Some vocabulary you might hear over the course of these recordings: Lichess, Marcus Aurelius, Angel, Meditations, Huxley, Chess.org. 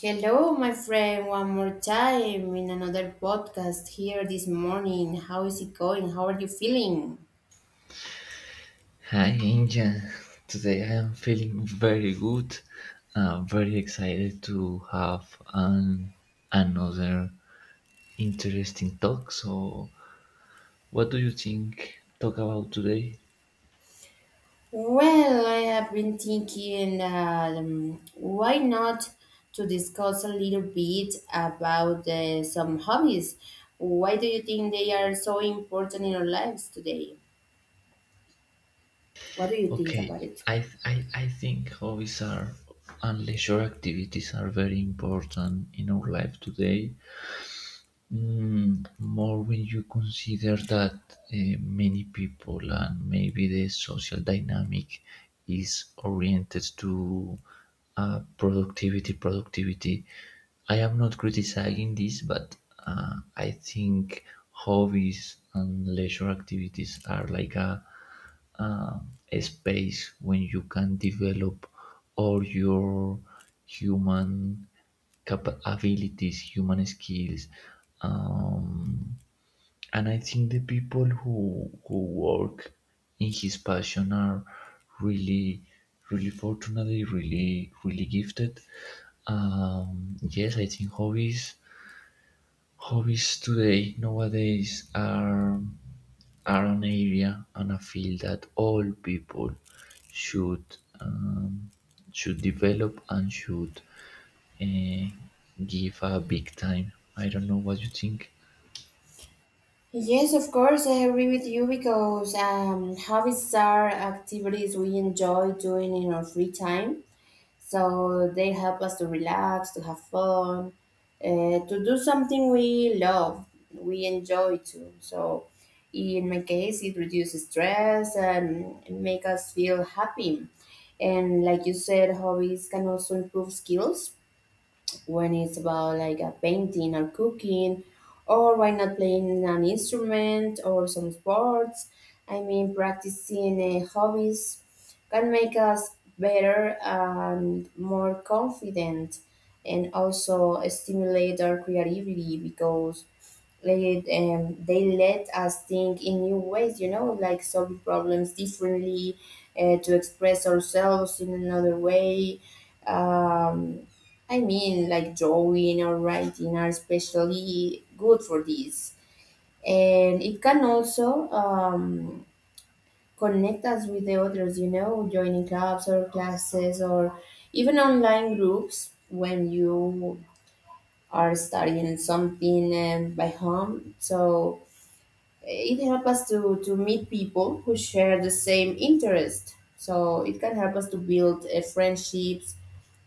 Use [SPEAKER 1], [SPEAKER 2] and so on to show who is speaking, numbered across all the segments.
[SPEAKER 1] Hello, my friend, one more time in another podcast here this morning. How is it going? How are you feeling?
[SPEAKER 2] Hi, Angel. Today I am feeling very good. I'm very excited to have an, another interesting talk. So, what do you think? Talk about today?
[SPEAKER 1] Well, I have been thinking that why not to discuss a little bit about some hobbies. Why do you think they are so important in our lives today? What do you think
[SPEAKER 2] Okay,
[SPEAKER 1] about it?
[SPEAKER 2] I think hobbies are and leisure activities are very important in our life today. More when you consider that many people and maybe the social dynamic is oriented to productivity. I am not criticizing this, but I think hobbies and leisure activities are like a um, space when you can develop all your human abilities, human skills. Um, and I think the people who work in his passion are really, really, really gifted. Yes, I think hobbies today nowadays are an area, and I feel that all people should um, should develop and should uh, give a big time. I don't know what you think.
[SPEAKER 1] Yes, of course, I agree with you because hobbies are activities we enjoy doing in our free time. So they help us to relax, to have fun, to do something we love, we enjoy too. So in my case, it reduces stress and make us feel happy. And like you said, hobbies can also improve skills when it's about like a painting or cooking or why not playing an instrument or some sports. I mean, practicing hobbies can make us better and more confident and also stimulate our creativity because like, they let us think in new ways, you know, like solve problems differently, to express ourselves in another way. Um, I mean, like drawing or writing are especially good for this. And it can also connect us with the others, you know, joining clubs or classes or even online groups when you are studying something by home. So it helps us to meet people who share the same interest. So it can help us to build friendships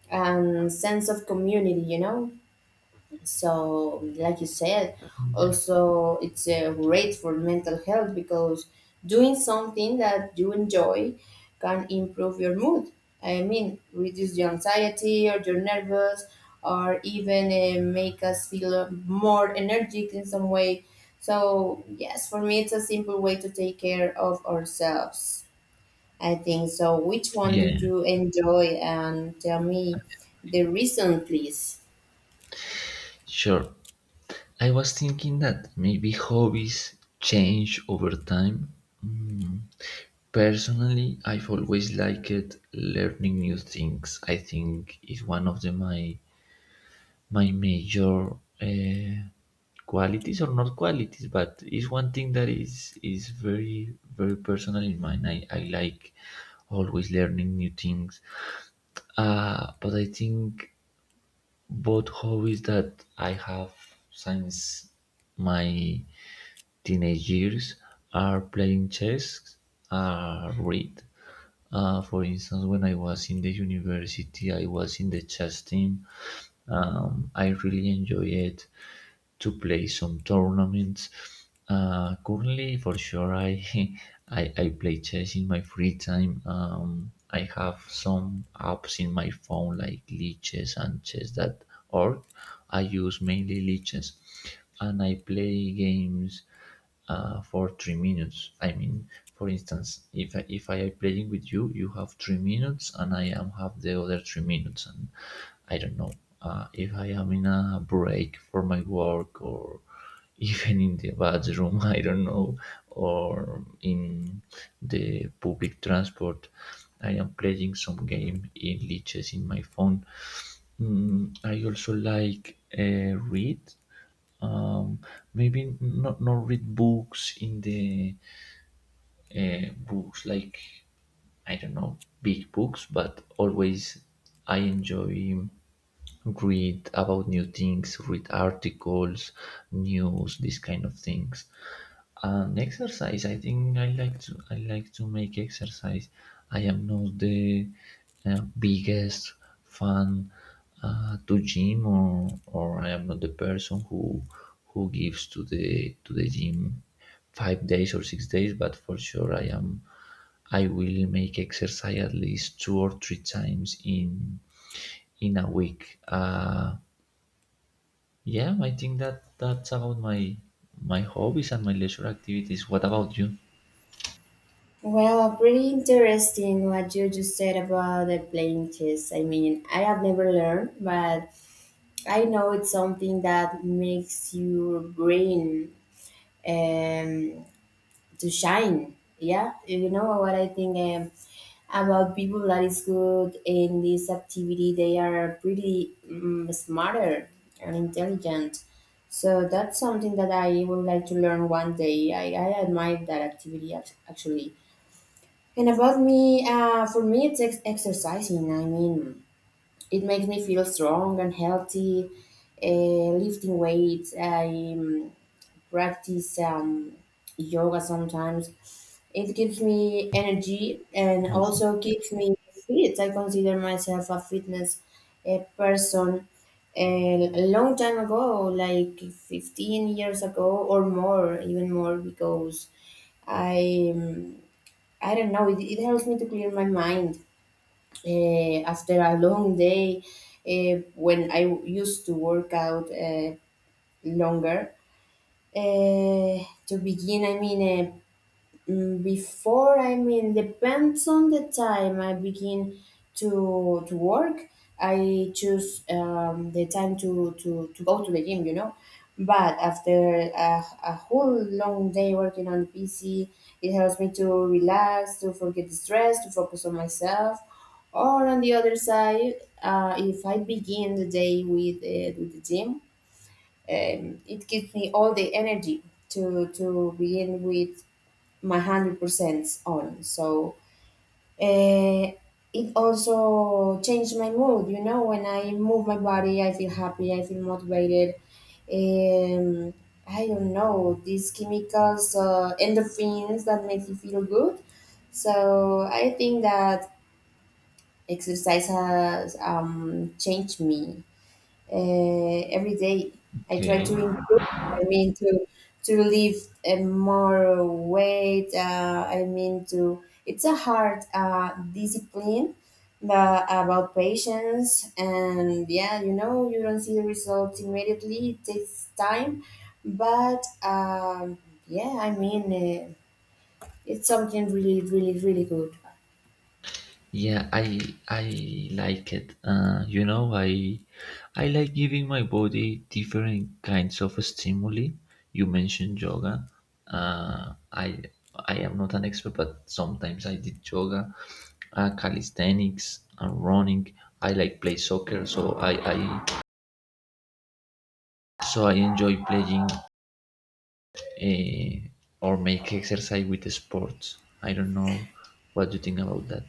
[SPEAKER 1] and sense of community, you know? So, like you said,
[SPEAKER 2] Yeah.
[SPEAKER 1] also it's great for mental health because doing something that you enjoy can improve your mood. I mean, reduce the anxiety or your nervous, or even make us feel more energetic in some way. So, yes, for me, it's a simple way to take care of ourselves. I think so. Which one do
[SPEAKER 2] Yeah,
[SPEAKER 1] you enjoy? And tell me the reason, please.
[SPEAKER 2] sure. I was thinking that maybe hobbies change over time. Mm. Personally, I've always liked learning new things. I think it's one of my major uh, qualities, or not qualities, but it's one thing that is very personal in mine. I like always learning new things. But I think both hobbies that I have since my teenage years are playing chess, are read. For instance, when I was in the university, I was in the chess team. I really enjoy it to play some tournaments. Currently, for sure, I, I play chess in my free time. I have some apps in my phone like Leeches and Chess.org. I use mainly Leeches, and I play games for 3 minutes. I mean, for instance, if I am playing with you, you have 3 minutes, and I am have the other 3 minutes, and I don't know if I am in a break for my work or even in the bathroom, I don't know, or in the public transport. I am playing some game in liches in my phone. I also like read, um, maybe not read books in the books, like I don't know, big books, but always I enjoy read about new things, read articles, news, these kind of things. And exercise, I think I like to make exercise. I am not the uh, biggest fan to gym, or I am not the person who gives to the gym 5 days or 6 days, but for sure I will make exercise at least 2 or 3 times in a week. Yeah, I think that that's about my hobbies and my leisure activities. What about you?
[SPEAKER 1] Well, pretty interesting what you just said about the playing chess. I mean, I have never learned, but I know it's something that makes your brain um, to shine. Yeah, you know what I think about people that is good in this activity. They are pretty smarter and intelligent. So that's something that I would like to learn one day. I admire that activity actually. And about me, for me, it's exercising. I mean, it makes me feel strong and healthy. Lifting weights, I practice yoga sometimes. It gives me energy and
[SPEAKER 2] Also,
[SPEAKER 1] also keeps me fit. I consider myself a fitness person. And a long time ago, like 15 years ago or more, even more, because I. um, I don't know. It helps me to clear my mind after a long day. When I used to work out longer, to begin, I mean, Mm, before I mean depends on the time I begin to work, I choose the time to go to the gym, you know, but after a whole long day working on the PC, it helps me to relax, to forget the stress, to focus on myself, or on the other side, if I begin the day with the gym, it gives me all the energy to begin with my 100% on. So uh, it also changed my mood. You know, when I move my body, I feel happy. I feel motivated. Um, I don't know these chemicals, endorphins that make you feel good. So I think that exercise has changed me every day. I try
[SPEAKER 2] okay.
[SPEAKER 1] to improve. I mean to lift more weight. I mean to. It's a hard discipline, but about patience and yeah, you know you don't see the results immediately. It takes time, but yeah, I mean it's something really, really, really good.
[SPEAKER 2] Yeah, I like it. I like giving my body different kinds of stimuli. You mentioned yoga. Uh, I I am not an expert, but sometimes I did yoga, calisthenics, and running. I like play soccer, so I enjoy playing, eh, or make exercise with sports. I don't know what you think about that.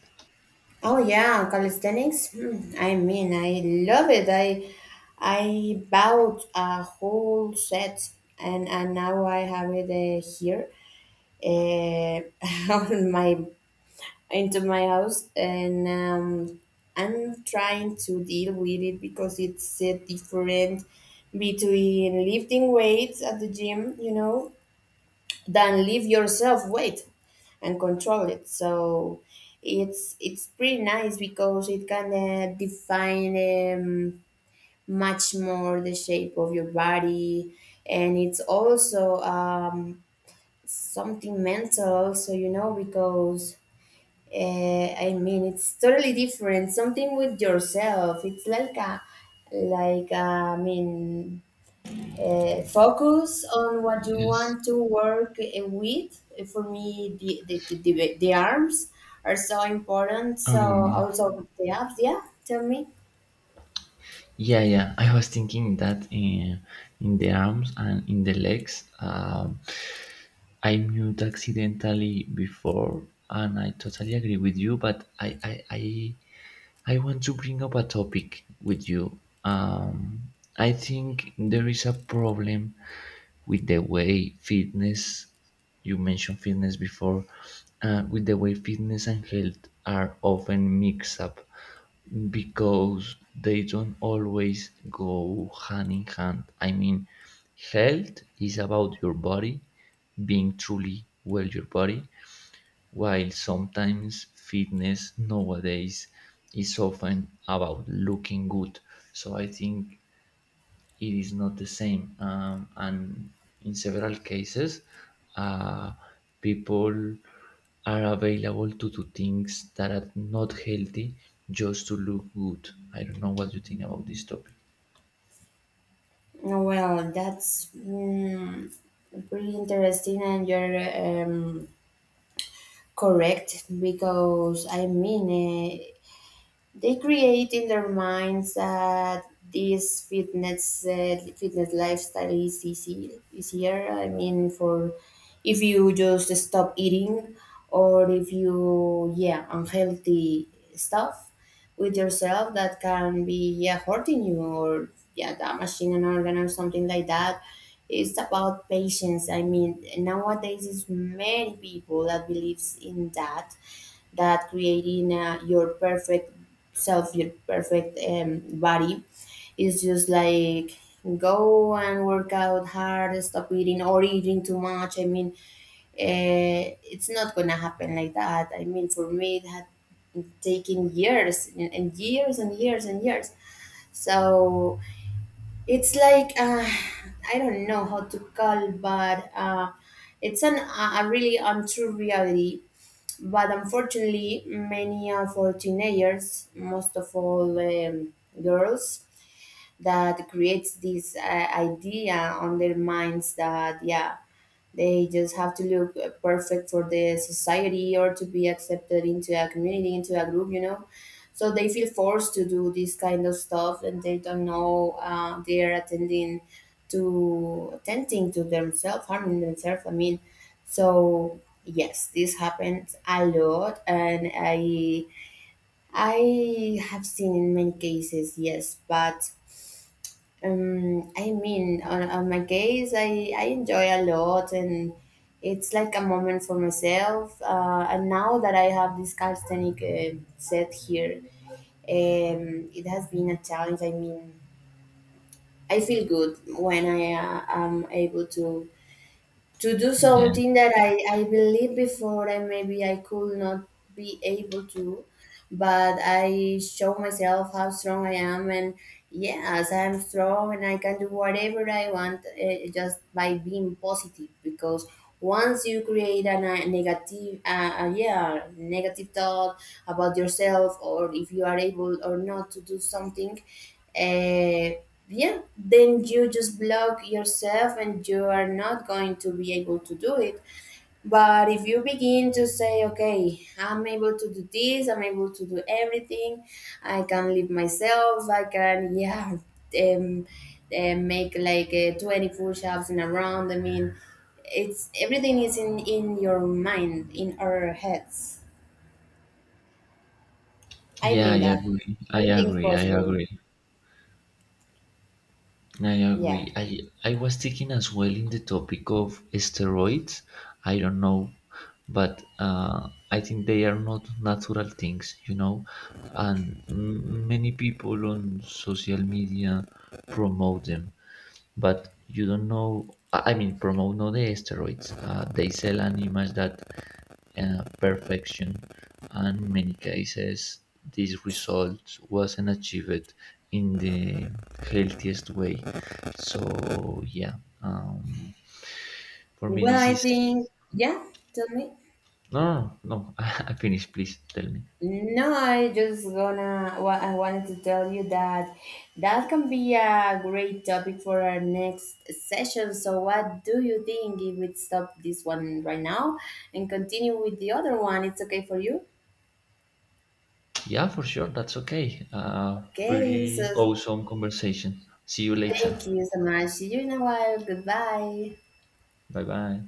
[SPEAKER 1] Oh yeah, calisthenics. Hmm, I mean, I love it. I bought a whole set, and now I have it here, on my into my house, and I'm trying to deal with it because it's different between lifting weights at the gym, you know, than leave yourself weight and control it. So it's pretty nice because it can define much more the shape of your body, and it's also something mental, also, you know, because I mean, it's totally different. Something with yourself. It's like a, I mean, focus on what you
[SPEAKER 2] Yes.
[SPEAKER 1] want to work with. For me, the arms are so important. So
[SPEAKER 2] Um,
[SPEAKER 1] also the abs, yeah, tell me.
[SPEAKER 2] Yeah, yeah. I was thinking that in the arms and in the legs. I mute accidentally before, and I totally agree with you. But I want to bring up a topic with you. I think there is a problem with the way fitness, you mentioned fitness before, with the way fitness and health are often mixed up, because they don't always go hand in hand. I mean, health is about your body being truly well, your body, while sometimes fitness nowadays is often about looking good. So I think it is not the same. And in several cases, uh, people are available to do things that are not healthy, just to look good. I don't know what you think about this topic.
[SPEAKER 1] Well, that's pretty interesting and you're correct because I mean, they create in their minds that this fitness lifestyle is easy, easier. I mean, for if you just stop eating or if you, yeah, unhealthy stuff with yourself that can be yeah hurting you or yeah damaging an organ or something like that. It's about patience. I mean, nowadays it's many people that believes in that, that creating your perfect self, your perfect body is just like go and work out hard, stop eating or eating too much. I mean, uh, it's not gonna happen like that. I mean, for me, it had taken years and years and years and years. So it's like I don't know how to call, but it's an a really untrue reality, but unfortunately, many of our teenagers, most of all girls, that creates this idea on their minds that, yeah, they just have to look perfect for the society or to be accepted into a community, into a group, you know. So they feel forced to do this kind of stuff, and they don't know they are attending to attending to themselves, harming themselves. I mean, so yes, this happens a lot, and I have seen in many cases, yes, but I mean, on my case, I enjoy a lot, and it's like a moment for myself. And now that I have this calisthenic set here, it has been a challenge. I mean, I feel good when I am able to do
[SPEAKER 2] Yeah,
[SPEAKER 1] something that I believe before and maybe I could not be able to, but I show myself how strong I am and yes, I'm strong and I can do whatever I want just by being positive because once you create a negative yeah negative thought about yourself or if you are able or not to do something uh, yeah, then you just block yourself and you are not going to be able to do it. But if you begin to say, okay, I'm able to do this, I'm able to do everything, I can live myself, I can, yeah, um, make like 20 push ups in a round. I mean, it's everything is in your mind, in our heads. I
[SPEAKER 2] yeah, I
[SPEAKER 1] think that
[SPEAKER 2] agree. I
[SPEAKER 1] everything is
[SPEAKER 2] agree. I
[SPEAKER 1] possible.
[SPEAKER 2] agree. I
[SPEAKER 1] Yeah.
[SPEAKER 2] agree. I was thinking as well in the topic of steroids. I don't know, but I think they are not natural things. And many people on social media promote them, but you don't know. I mean, promote not the steroids. They sell an image that perfection, and in many cases, this result wasn't achieved in the healthiest way. So, yeah, um, for me,
[SPEAKER 1] Well,
[SPEAKER 2] this
[SPEAKER 1] I
[SPEAKER 2] is
[SPEAKER 1] think, yeah, tell me.
[SPEAKER 2] no, no, no. I finished. Please tell me.
[SPEAKER 1] No, I just gonna, well, I wanted to tell you that that can be a great topic for our next session. So, what do you think if we stop this one right now and continue with the other one? It's okay for you?
[SPEAKER 2] Yeah, for sure. That's okay. Uh,
[SPEAKER 1] Okay,
[SPEAKER 2] pretty
[SPEAKER 1] so
[SPEAKER 2] awesome conversation. See you later.
[SPEAKER 1] thank you so much. See you in a while. Goodbye.
[SPEAKER 2] Bye bye.